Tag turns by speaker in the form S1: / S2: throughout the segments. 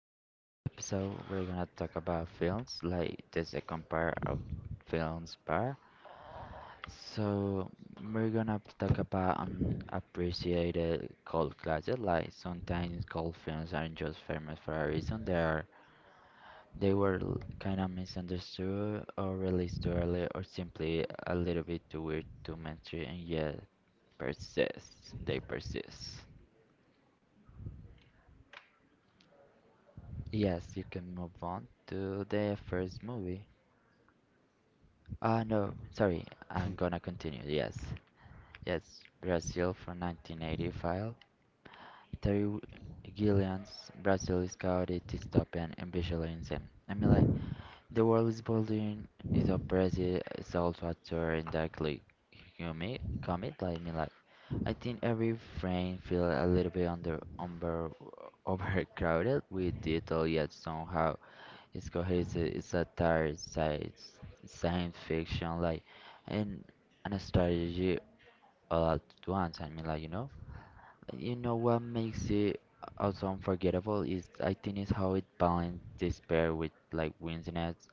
S1: In this episode, we're gonna talk about films, like the second part of films part. So we're gonna talk about unappreciated cult classics. Like sometimes cult films aren't just famous for a reason. They are they were kind of misunderstood or released too early or simply a little bit too weird to mainstream, and yet persist. They persist. Yes, you can move on to the first movie. No, sorry, I'm gonna continue. Yes, yes, Brazil from 1985. Terry W- Gilliam's Brazil is chaotic, dystopian, and visually insane. The world is bullying, is oppressive, it's also a tour in darkly humid, comic. I think every frame feels a little bit under, under overcrowded with detail, yet somehow it's cohesive, it's satire, it's science fiction, and a strategy all at once. You know what makes it also unforgettable is, I think, is how it balances despair with like winsiness.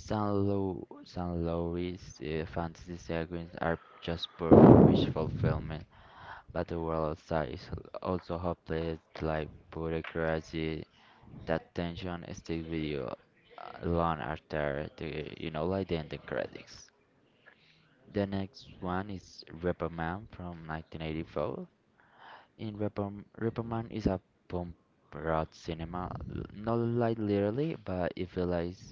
S1: Some lowest fantasy sequences are just pure wish fulfillment, but the world outside is also hopeless, like bureaucracy. That tension stays with you long after the the ending credits. The next one is Reperman from 1984. In Reperm Reperman is a pump rock cinema, not like literally, but it feels like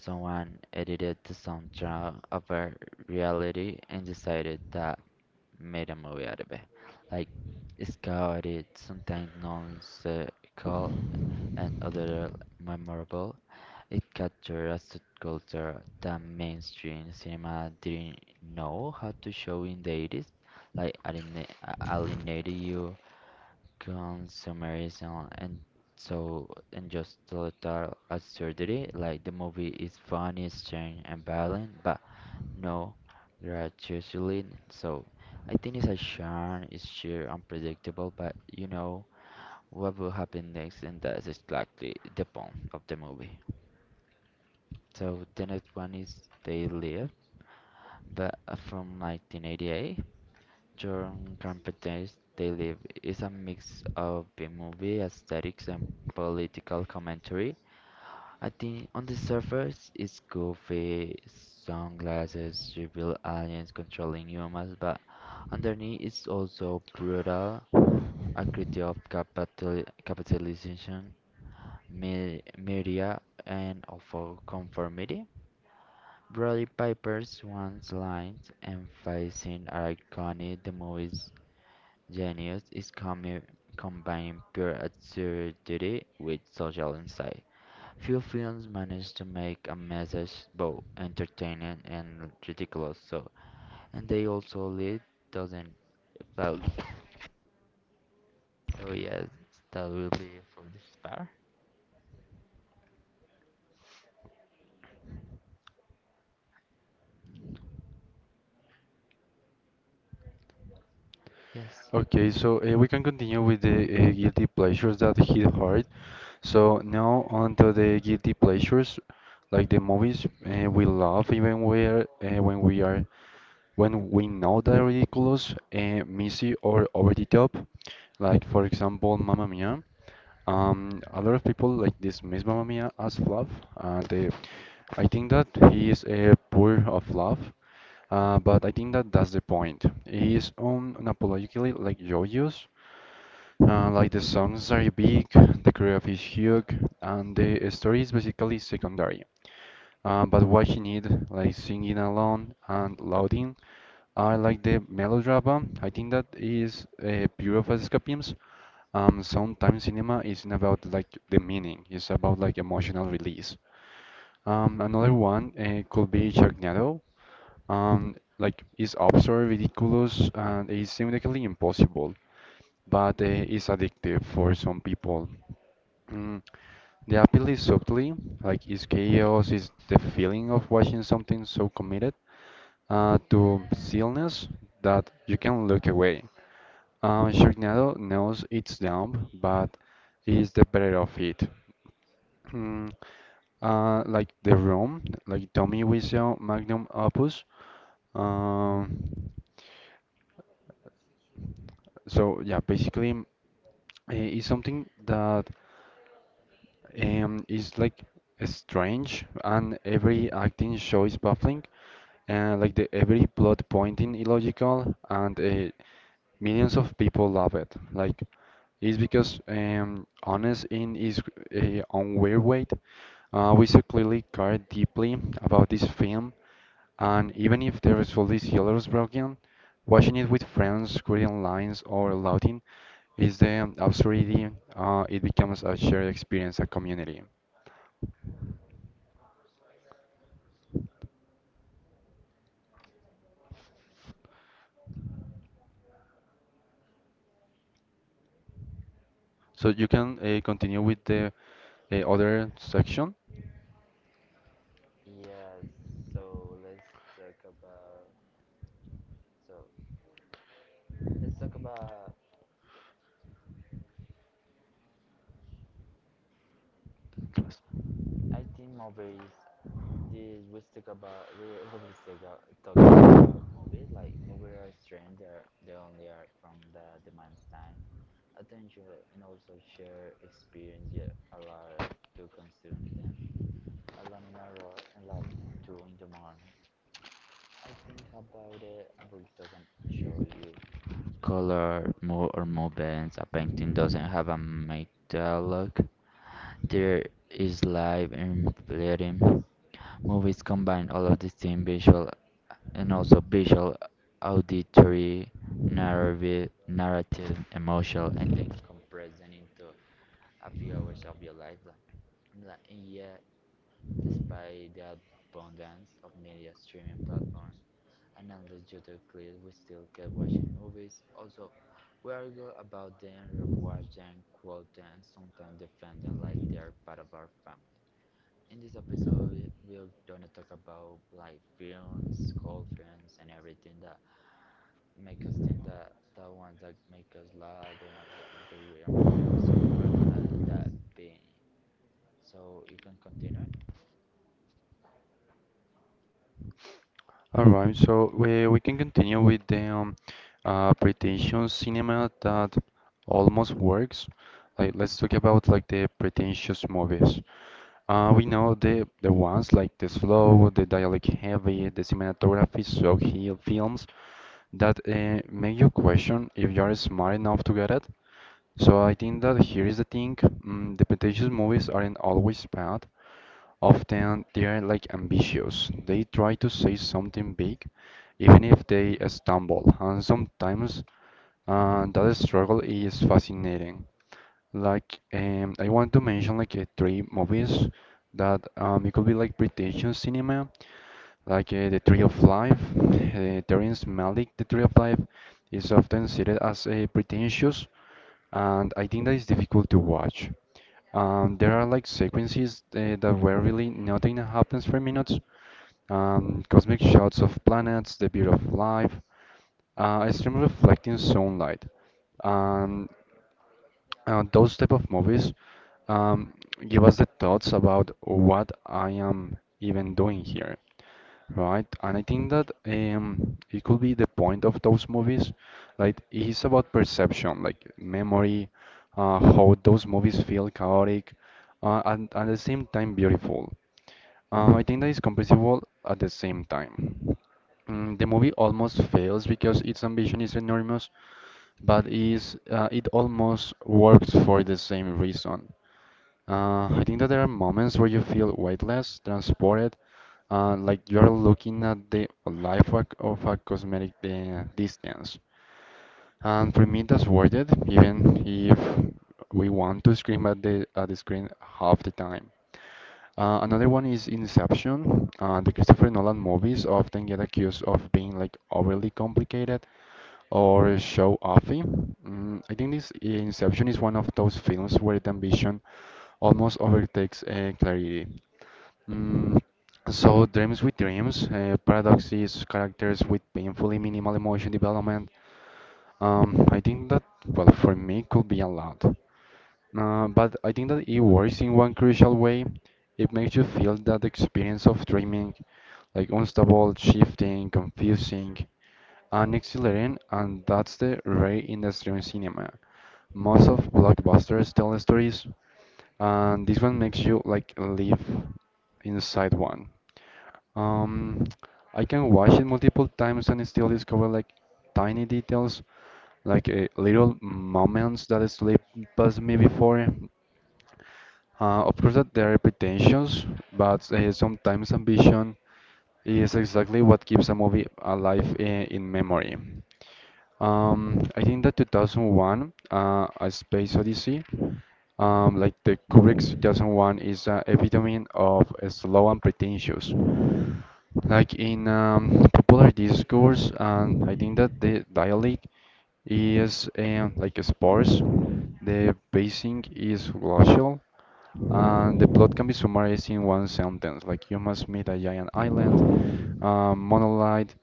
S1: someone edited the soundtrack of a reality and decided that made a movie out of it. Like it's chaotic, sometimes nonsensical, and other memorable. It captured a subculture that mainstream cinema didn't know how to show in the 80s, like alienated you, consumerism, and so and just total absurdity. Like the movie is funny, strange, and violent, but no gratuitously. So I think it's a charm, it's sheer unpredictable, but you know what will happen next, and that's exactly the point of the movie. So the next one is They Live, but from 1988. John Carpenter's They Live is a mix of B-movie aesthetics and political commentary. I think on the surface, it's goofy, sunglasses, reveal aliens controlling humans, but underneath, it's also brutal, a critique of capitalization, me media, and of conformity. Roddy Piper's once liners emphasizing irony, the movie's genius is combining pure absurdity with social insight. Few films manage to make a message both entertaining and ridiculous, so and they also lead doesn't fail. So yes, that will be for this part. Yes.
S2: We can continue with the guilty pleasures that hit hard. So now on to the guilty pleasures, like the movies we love even where when we know they're ridiculous, messy or over the top. Like for example, Mamma Mia. A lot of people like dismiss Mamma Mia as fluff, and I think that he is a poor of fluff. But I think that that's the point. He is un unapologetically like joyous, like the songs are big, the choreography is huge, and the story is basically secondary. But what you need, like singing alone and louding, I like the melodrama. I think that is a pure of escapism. Sometimes cinema isn't about like the meaning; it's about like emotional release. Another one could be Sharknado. Like it's absurd, ridiculous, and it's seemingly impossible but it's addictive for some people. Mm, the appeal is subtly, like it's chaos, is the feeling of watching something so committed to silliness that you can look away. Sharknado knows it's dumb, but is the better of it. Mm, like The Room, like Tommy Wiseau magnum opus. Um, so yeah, basically, it's something that it's like strange, and every acting show is baffling, and like the every plot pointing illogical, and millions of people love it. Like it's because honest in is on weird weight. We so clearly care deeply about this film, and even if the result is hilarious broken. Watching it with friends, reading lines, or lauding is the absurdity. It becomes a shared experience, a community. So you can continue with the other section.
S1: Yes. so let's talk about so let's talk about. I think movies. Did we stick about we when we still got talk about movies, like movies are strange, they are they only are from the demand time attention and also share experience, yeah, allow us to consume them alone in a row and like two in the morning. I think about it, a book doesn't show you color mo or movements, a painting doesn't have a make dialogue, there is live and fleeting. Movies combine all of these things, visual and also visual, auditory, narrative, emotional, and then compress them into a few hours of your life. And yet, despite the abundance of media streaming platform and endless YouTube clips, we still keep watching movies. Also, we argue about them, rewatch them, quote them, sometimes defend them like they're part of our family. In this episode, we're gonna talk about like films, cold films, and everything that make us think, that the ones that make us laugh, the ones that make us weird and progressive. So we're gonna that be. So you can continue.
S2: All right, so we can continue with the pretentious cinema that almost works. Like let's talk about like the pretentious movies. We know the ones like the slow, the dialogue heavy, the cinematography so he films that make you question if you're smart enough to get it. So I think that here is the thing, the pretentious movies aren't always bad. Often they are like ambitious. They try to say something big, even if they stumble. And sometimes that struggle is fascinating. Like I want to mention like three movies that it could be like pretentious cinema like the Tree of Life. Terrence Malick, the Tree of Life, is often cited as pretentious, and I think that is difficult to watch. There are like sequences that where really nothing happens for minutes. Cosmic shots of planets, the beauty of life, extreme reflecting sunlight. Um, those type of movies um, give us the thoughts about what I am even doing here, right? And I think that it could be the point of those movies. Like it's about perception, like memory, how those movies feel chaotic, and at the same time beautiful. I think that is comprehensible at the same time. The movie almost fails because its ambition is enormous, but is it almost works for the same reason. I think that there are moments where you feel weightless, transported, like you're looking at the life of a cosmetic distance. And for me, that's worth it, even if we want to scream at the screen half the time. Another one is Inception. The Christopher Nolan movies often get accused of being like overly complicated, or show-offy. I think this Inception is one of those films where the ambition almost overtakes clarity. Mm, so dreams with dreams, paradoxes, characters with painfully minimal emotion development. I think that, well, for me, could be a lot. But I think that it works in one crucial way. It makes you feel that experience of dreaming, like unstable, shifting, confusing. An exhilarating, and that's the rare in extreme cinema. Most of blockbusters tell stories, and this one makes you like live inside one. Um, I can watch it multiple times and still discover like tiny details, like little moments that slip past me before. Of course, that there are pretensions, but sometimes ambition is exactly what keeps a movie alive in memory. I think that 2001, A Space Odyssey, like the Kubrick's 2001 is an epitome of a slow and pretentious. Like in popular discourse, and I think that the dialect is like sparse, the pacing is glacial, and the plot can be summarized in one sentence, like you must meet a giant island, monolith,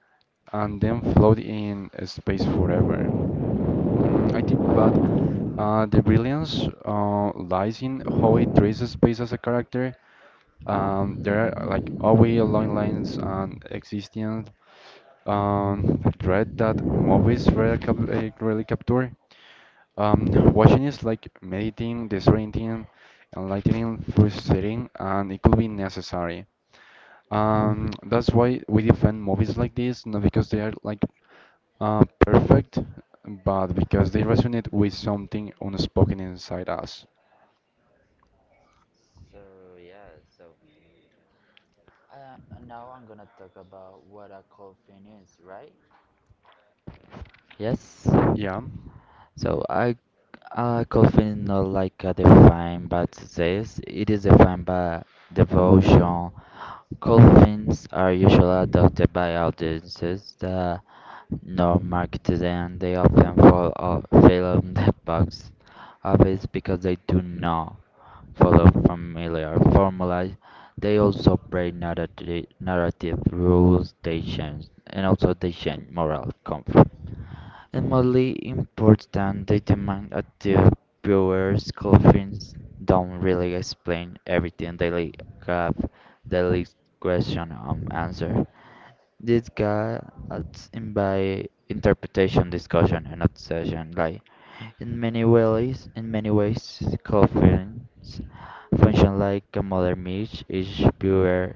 S2: and then float in space forever. I think, but the brilliance lies in how it traces space as a character. There are like always long lines and existing dread that movies rarely, rarely capture. Um, Watching is like meditating, disorienting, enlightening, frustrating, and it could be necessary. That's why we defend movies like this, not because they are like perfect, but because they resonate with something unspoken inside us.
S1: So yeah. So uh, now I'm gonna talk about what a cold fin is, right? Yes.
S2: Yeah.
S1: So I Colfin is not like a defined by success. It is defined by devotion. Colfins are usually adopted by audiences that no, Mark today, and they often fall off fail on the box office because they do not follow familiar formula. They also break narrative rules, they change, and also they change moral comfort. And mostly important, they demand that the viewers' coffins don't really explain everything. Have, they leave question unanswered. This gets in by interpretation, discussion, and obsession. Like in many ways, coffins function like a modern myth. Each viewer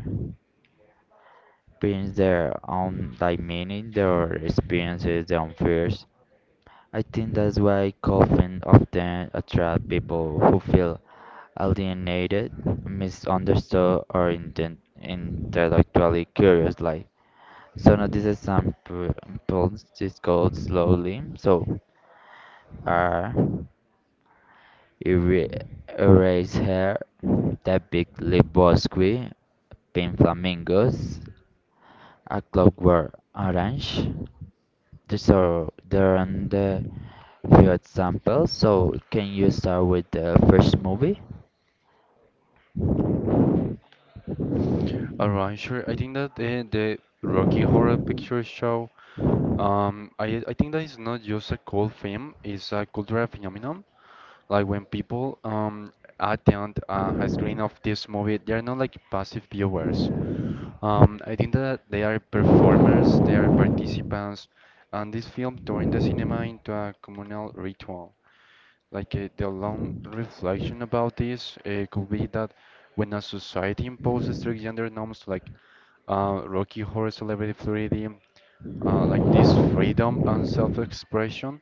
S1: brings their own like meaning, their experiences, their own fears. I think that's why coffins often attract people who feel alienated, misunderstood, or intellectually curious. Like so now this example is called slowly. So R era- erase hair, that big lip bosque, pink flamingos, a clockwork orange. So there are the few examples. So can you start with the first movie?
S2: Alright, sure. I think that the Rocky Horror Picture Show, I think that it's not just a cool film, it's a cultural phenomenon. Like when people attend a screen of this movie, they're not like passive viewers. I think that they are performers, they are participants, and this film turned the cinema into a communal ritual. Like the long reflection about this could be that when a society imposes strict gender norms like Rocky Horror Celebrity Fluidity, like this freedom and self-expression,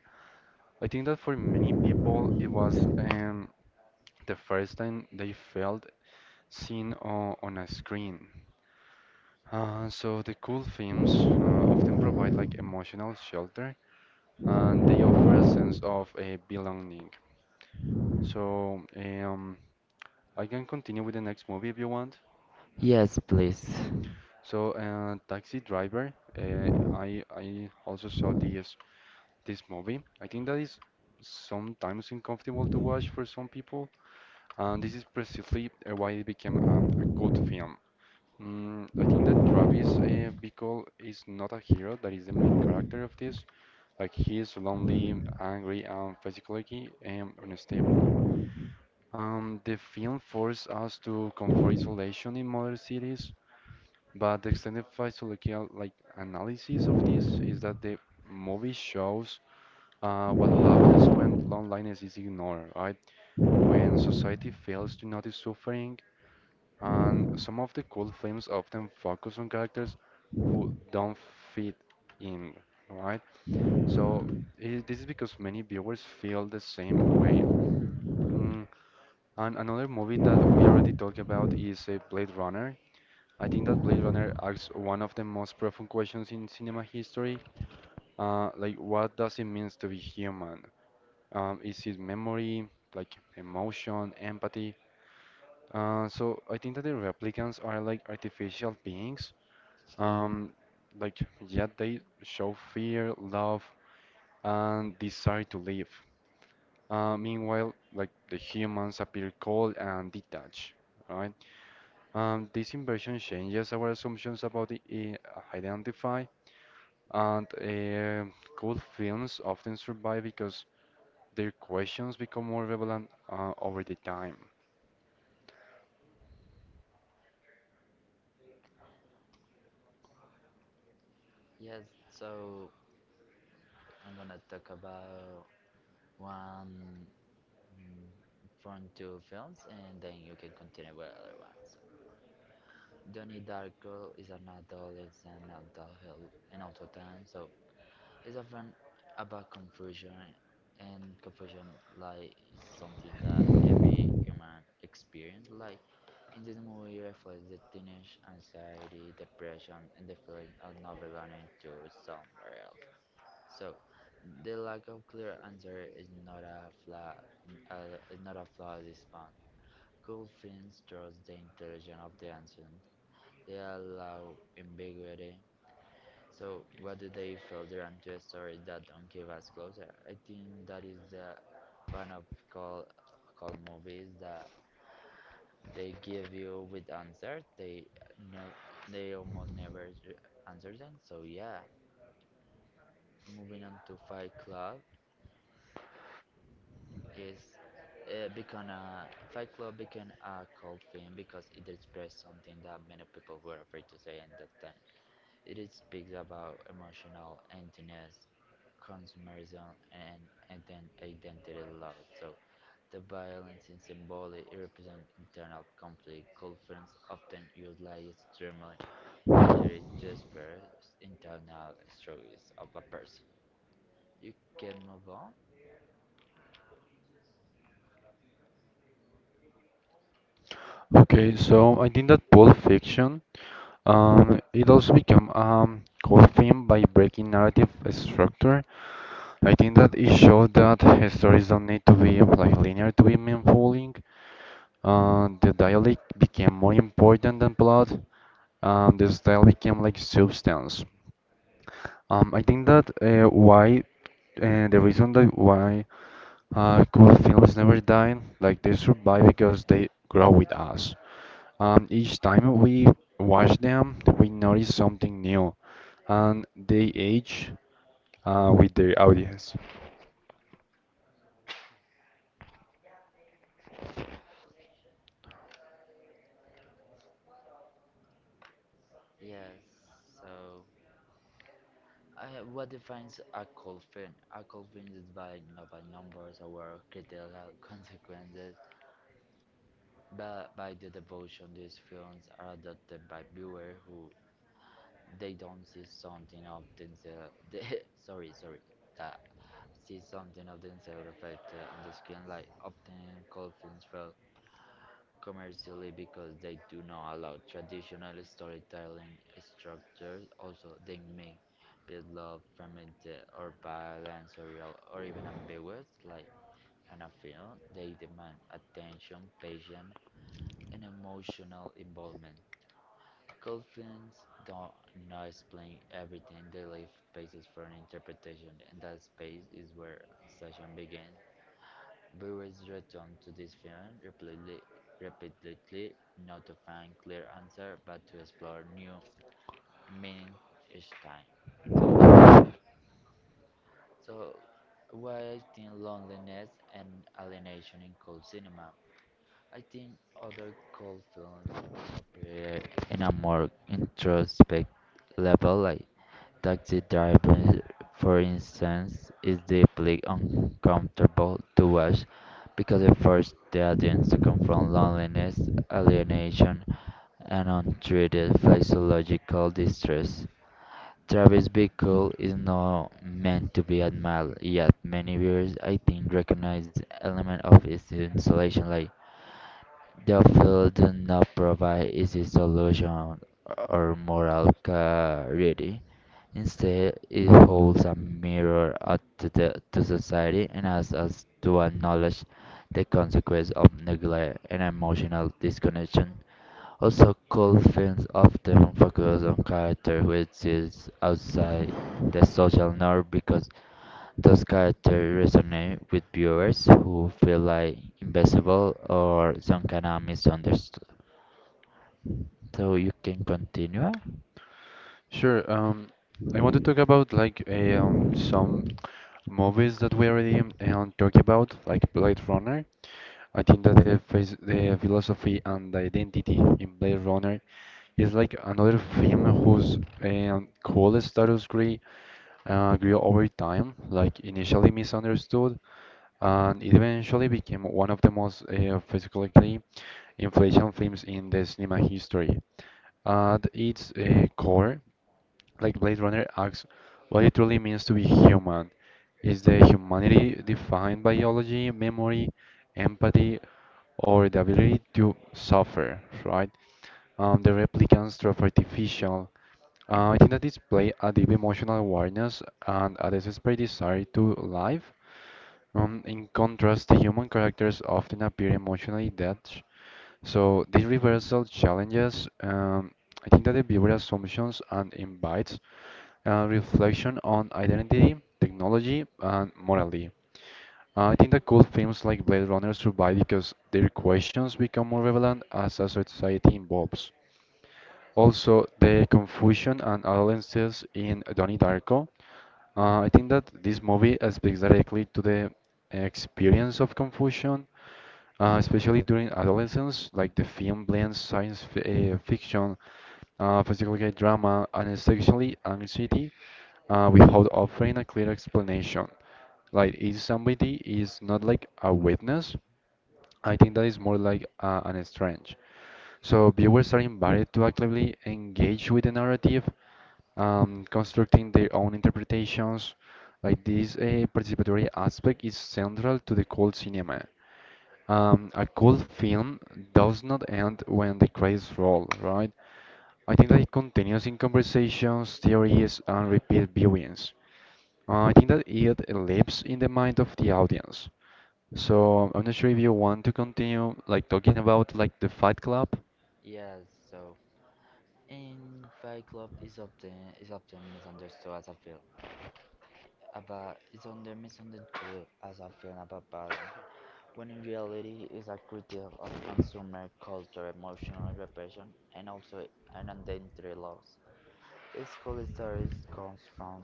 S2: I think that for many people it was the first time they felt seen on a screen. So the cool films often provide like emotional shelter and they offer a sense of a belonging. So I can continue with the next movie if you want.
S1: Yes, please.
S2: So Taxi Driver, I also saw this movie. I think that is sometimes uncomfortable to watch for some people, and this is precisely why it became a cult film. I think that Travis Bickle is not a hero, that is the main character of this. Like he is lonely, angry, and physically unstable. The film forced us to confront isolation in modern cities, but the extended psychological like analysis of this is that the movie shows what happens when loneliness is ignored, right? When society fails to notice suffering, and some of the cool films often focus on characters who don't fit in, right? So I this is because many viewers feel the same way. Mm, and another movie that we already talked about is Blade Runner. I think that Blade Runner asks one of the most profound questions in cinema history, like what does it mean to be human? Is it memory, like emotion, empathy? So I think that the replicants are like artificial beings. Um, like, yeah, they show fear, love, and desire to live. Meanwhile, like the humans appear cold and detached, right? This inversion changes our assumptions about the identify, and good films often survive because their questions become more relevant over the time.
S1: Yes, so I'm gonna talk about one. mm, from two films, and then you can continue with other ones. Donnie Darko is an adolescent mental health and also time, so it's often about confusion, and confusion like is something that every human experience. Like in this movie, reflects the teenage anxiety, depression, and the feeling of not belonging to somewhere else. So the lack of clear answer is not a flaw. This Cool Coffins draws the intelligence of the ancients. They allow ambiguity. So, what do they filter onto stories that don't give us closure? I think that is the fun of call call movies that they give you with answers. They never, they almost never answer them. So yeah, moving on to Fight Club is become a Fight Club became a cult film because it expressed something that many people were afraid to say at that time. It speaks about emotional emptiness, consumerism, and then identity loss. So the violence is symbolic, it represents internal conflict. Cultures often utilize external imagery to express internal struggles of a person. You can move on.
S2: Okay, so I think that Pulp Fiction, it also became cult film by breaking narrative structure. I think that it showed that stories don't need to be like linear to be meaningful. The dialect became more important than plot. The style became like substance. I think that why The reason that why cool films never die, like they survive because they grow with us. Each time we watch them, we notice something new, and they age with their audience.
S1: Yes. So, what defines a cold film? A cold film is defined not by numbers or critical consequences, but by the devotion. These films are adopted by viewers who they don't see something of themselves. Sorry, sorry, that see something of themselves reflected on the screen. Like often, cult films fail commercially because they do not allow traditional storytelling structures. Also, they may be love fermented or violent, surreal, or even ambiguous. Like in a film, they demand attention, patience, and emotional involvement. Coltrans don't not explain everything, they leave spaces for an interpretation, and that space is where session begins. Viewers return to this film repeatedly, not to find clear answer, but to explore new meaning each time. So, so, why I think loneliness and alienation in cold cinema. I think other cold films appear in a more introspect level, like Taxi driving, for instance, is deeply uncomfortable to watch because it forces the audience to confront loneliness, alienation, and untreated physiological distress. Travis Bickle is not meant to be admired, yet many viewers, I think, recognize the element of its insulation. Like the film does not provide easy solutions or moral clarity. Instead, it holds a mirror up to, to society and asks us to acknowledge the consequence of neglect and emotional disconnection. Also, cult films often focus on characters who exist outside the social norm because those characters resonate with viewers who feel like invisible or some kind of misunderstood. So you can continue.
S2: Sure. I want to talk about like some movies that we already talked about, like Blade Runner. I think that the philosophy and the identity in Blade Runner is like another film whose cool status grew over time, like initially misunderstood, and it eventually became one of the most philosophically influential films in the cinema history. At its core, like Blade Runner asks what it truly means to be human. Is the humanity defined by biology, memory, empathy, or the ability to suffer, right? The replicants through artificial. I think that display a deep emotional awareness and a desperate desire to live in contrast, the human characters often appear emotionally detached, so this reversal challenges, I think, that the viewer assumptions and invites reflection on identity, technology, and morality. I think that cool films like Blade Runner survive because their questions become more relevant as a society evolves. Also, the confusion and adolescence in Donnie Darko. I think that this movie speaks directly to the experience of confusion, especially during adolescence. Like the film blends science fi fiction, psychological drama, and sexually anxiety without offering a clear explanation. Like, if somebody is not like a witness, I think that is more like an strange. So viewers are invited to actively engage with the narrative, constructing their own interpretations. Like this participatory aspect is central to the cult cinema. A cult film does not end when the credits roll, right? I think that it continues in conversations, theories, and repeat viewings. I think that it lives in the mind of the audience. So I'm not sure if you want to continue like talking about like the Fight Club.
S1: Yes, so in Fight Club is often misunderstood as a film about it's under misunderstood as a film about balance, when in reality it's a critique of consumer culture, emotional repression, and also an identity loss. Its cholesterol comes from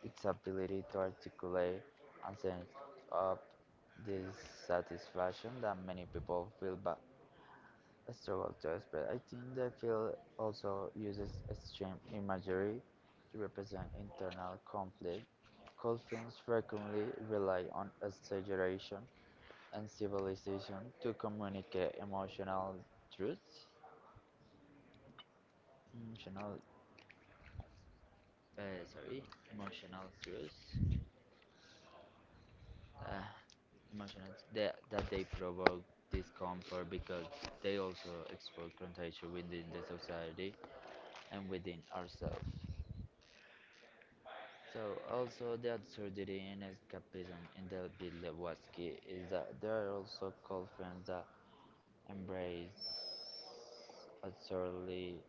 S1: its ability to articulate and sense of dissatisfaction that many people feel but struggle to express. I think the field also uses extreme imagery to represent internal conflict. Cult films frequently rely on exaggeration and civilization to communicate emotional truths. Emotional, uh, sorry, emotional truths uh, emotions that they provoke discomfort because they also expose contagion within the society and within ourselves. So also the absurdity and escapism in the Bill Lewatsky is that there are also cult friends that embrace absurdly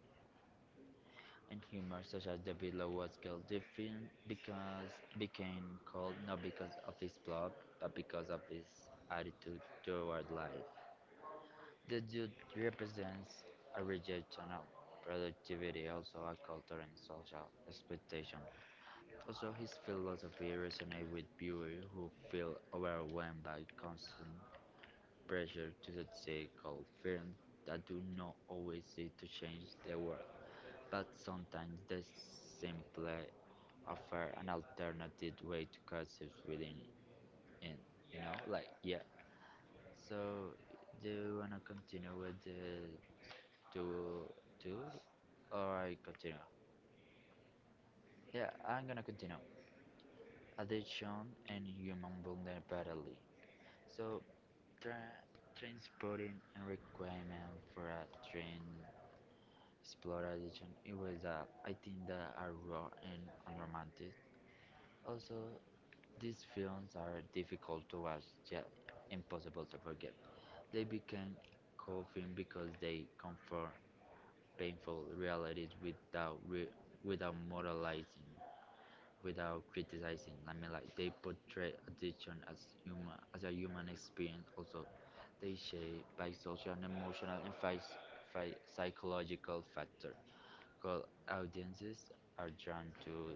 S1: and humor such as the Bill Lewatsky the film because became cult not because of his plot but because of his attitude toward life. The youth represents a rejection of productivity, also a culture and social expectation. Also, his philosophy resonates with viewers who feel overwhelmed by constant pressure to succeed, called firms that do not always seek to change the world, but sometimes they simply offer an alternative way to coexist within it. Yeah. So, do you wanna continue with the to do or I continue? Yeah, I'm gonna continue. Addiction and human vulnerability. So, tra transporting and requirement for a train Explorer edition. It was, I think, that are raw and unromantic. Also, these films are difficult to watch, yet impossible to forget. They became cult film because they comfort painful realities without moralizing without criticizing. They portray addiction as human as a human experience. Also, they shaped by social and emotional and psychological factor. Called audiences are drawn to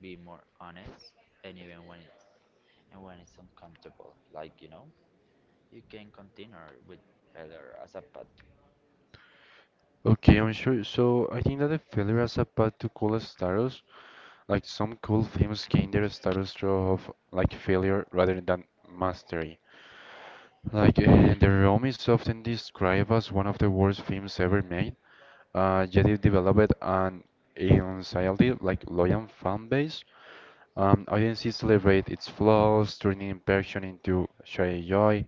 S1: be more honest, and even when it's and when it's uncomfortable, you can continue with failure as a path.
S2: Okay, I'm sure. So I think that the failure as a path to cool status, like some cool films gain their status through of like failure rather than mastery. Like The Room is often described as one of the worst films ever made. Yet it developed an entirely like loyal fan base. Audiences celebrate its flaws, turning imperfection into shared joy.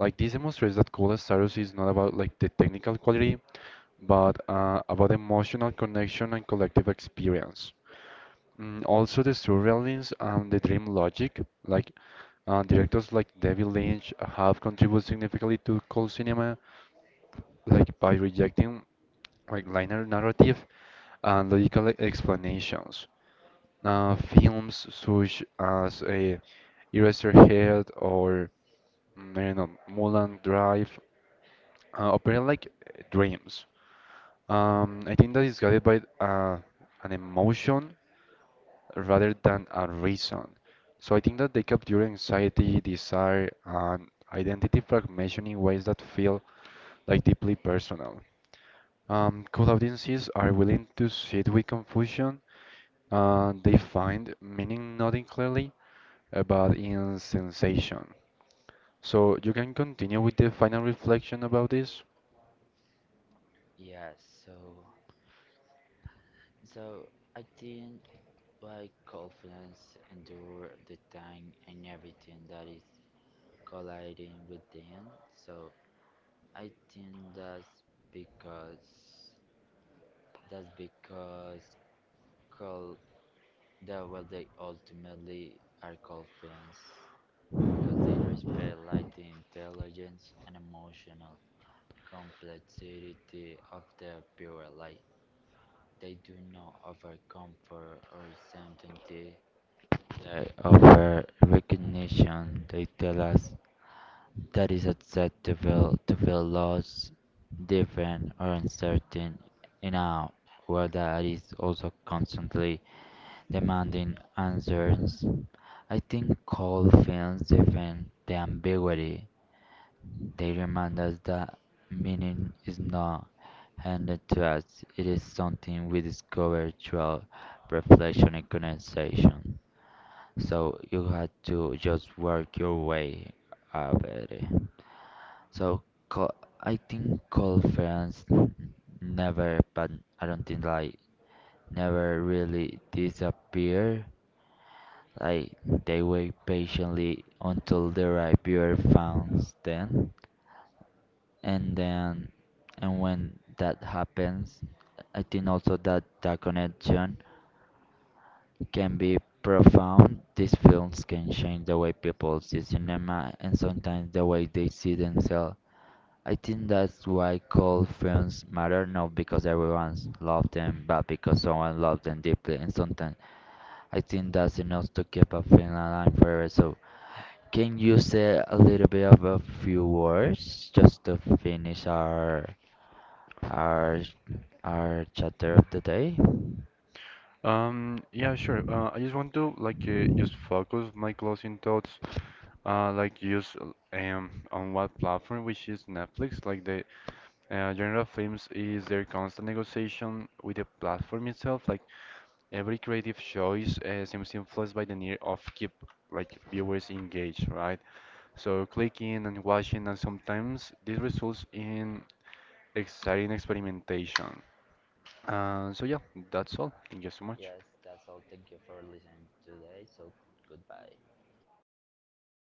S2: Like this demonstrates that Cool Status is not about like the technical quality, but about emotional connection and collective experience. Also, the surrealism and the dream logic, like directors like David Lynch have contributed significantly to Cool cinema, like by rejecting like linear narrative and logical explanations films such as Eraserhead or I don't know, Mulholland Drive operate like dreams. I think that is guided by an emotion rather than a reason. So I think that they capture anxiety, desire, and identity fragmentation in ways that feel like deeply personal. Cold audiences are willing to sit with confusion. They find meaning not in clearly but in sensation. So you can continue with the final reflection about this.
S1: Yeah. So, so, I think like confidence endure the time and everything that is colliding with them. So I think because that's because call the well they ultimately are called fans because they respect like the intelligence and emotional complexity of their viewer. Like they do not offer comfort or certainty. They offer recognition. They tell us that is upset to feel lost, different, or uncertain in a world that is also constantly demanding answers. I think cold films defend the ambiguity. They remind us that meaning is not handed to us, it is something we discover through reflection and conversation. So you had to just work your way out of it. So co- I think cold friends never, but I don't think like never really disappear. Like they wait patiently until the right viewer finds them, and then and when that happens, I think also that that connection can be profound. These films can change the way people see cinema and sometimes the way they see themselves. I think that's why cult films matter, not because everyone loves them, but because someone loves them deeply. And sometimes I think that's enough to keep a film alive forever. So, can you say a little bit of a few words just to finish our our our chapter of the day?
S2: Yeah, sure. I just want to like just focus my closing thoughts, like just on what platform, which is Netflix. Like the genre of films is their constant negotiation with the platform itself. Like every creative choice seems influenced by the need of keep like viewers engaged, right? So clicking and watching, and sometimes this results in exciting experimentation. So yeah, that's all. Thank you so much.
S1: Yes, that's all. Thank you for listening today. So goodbye.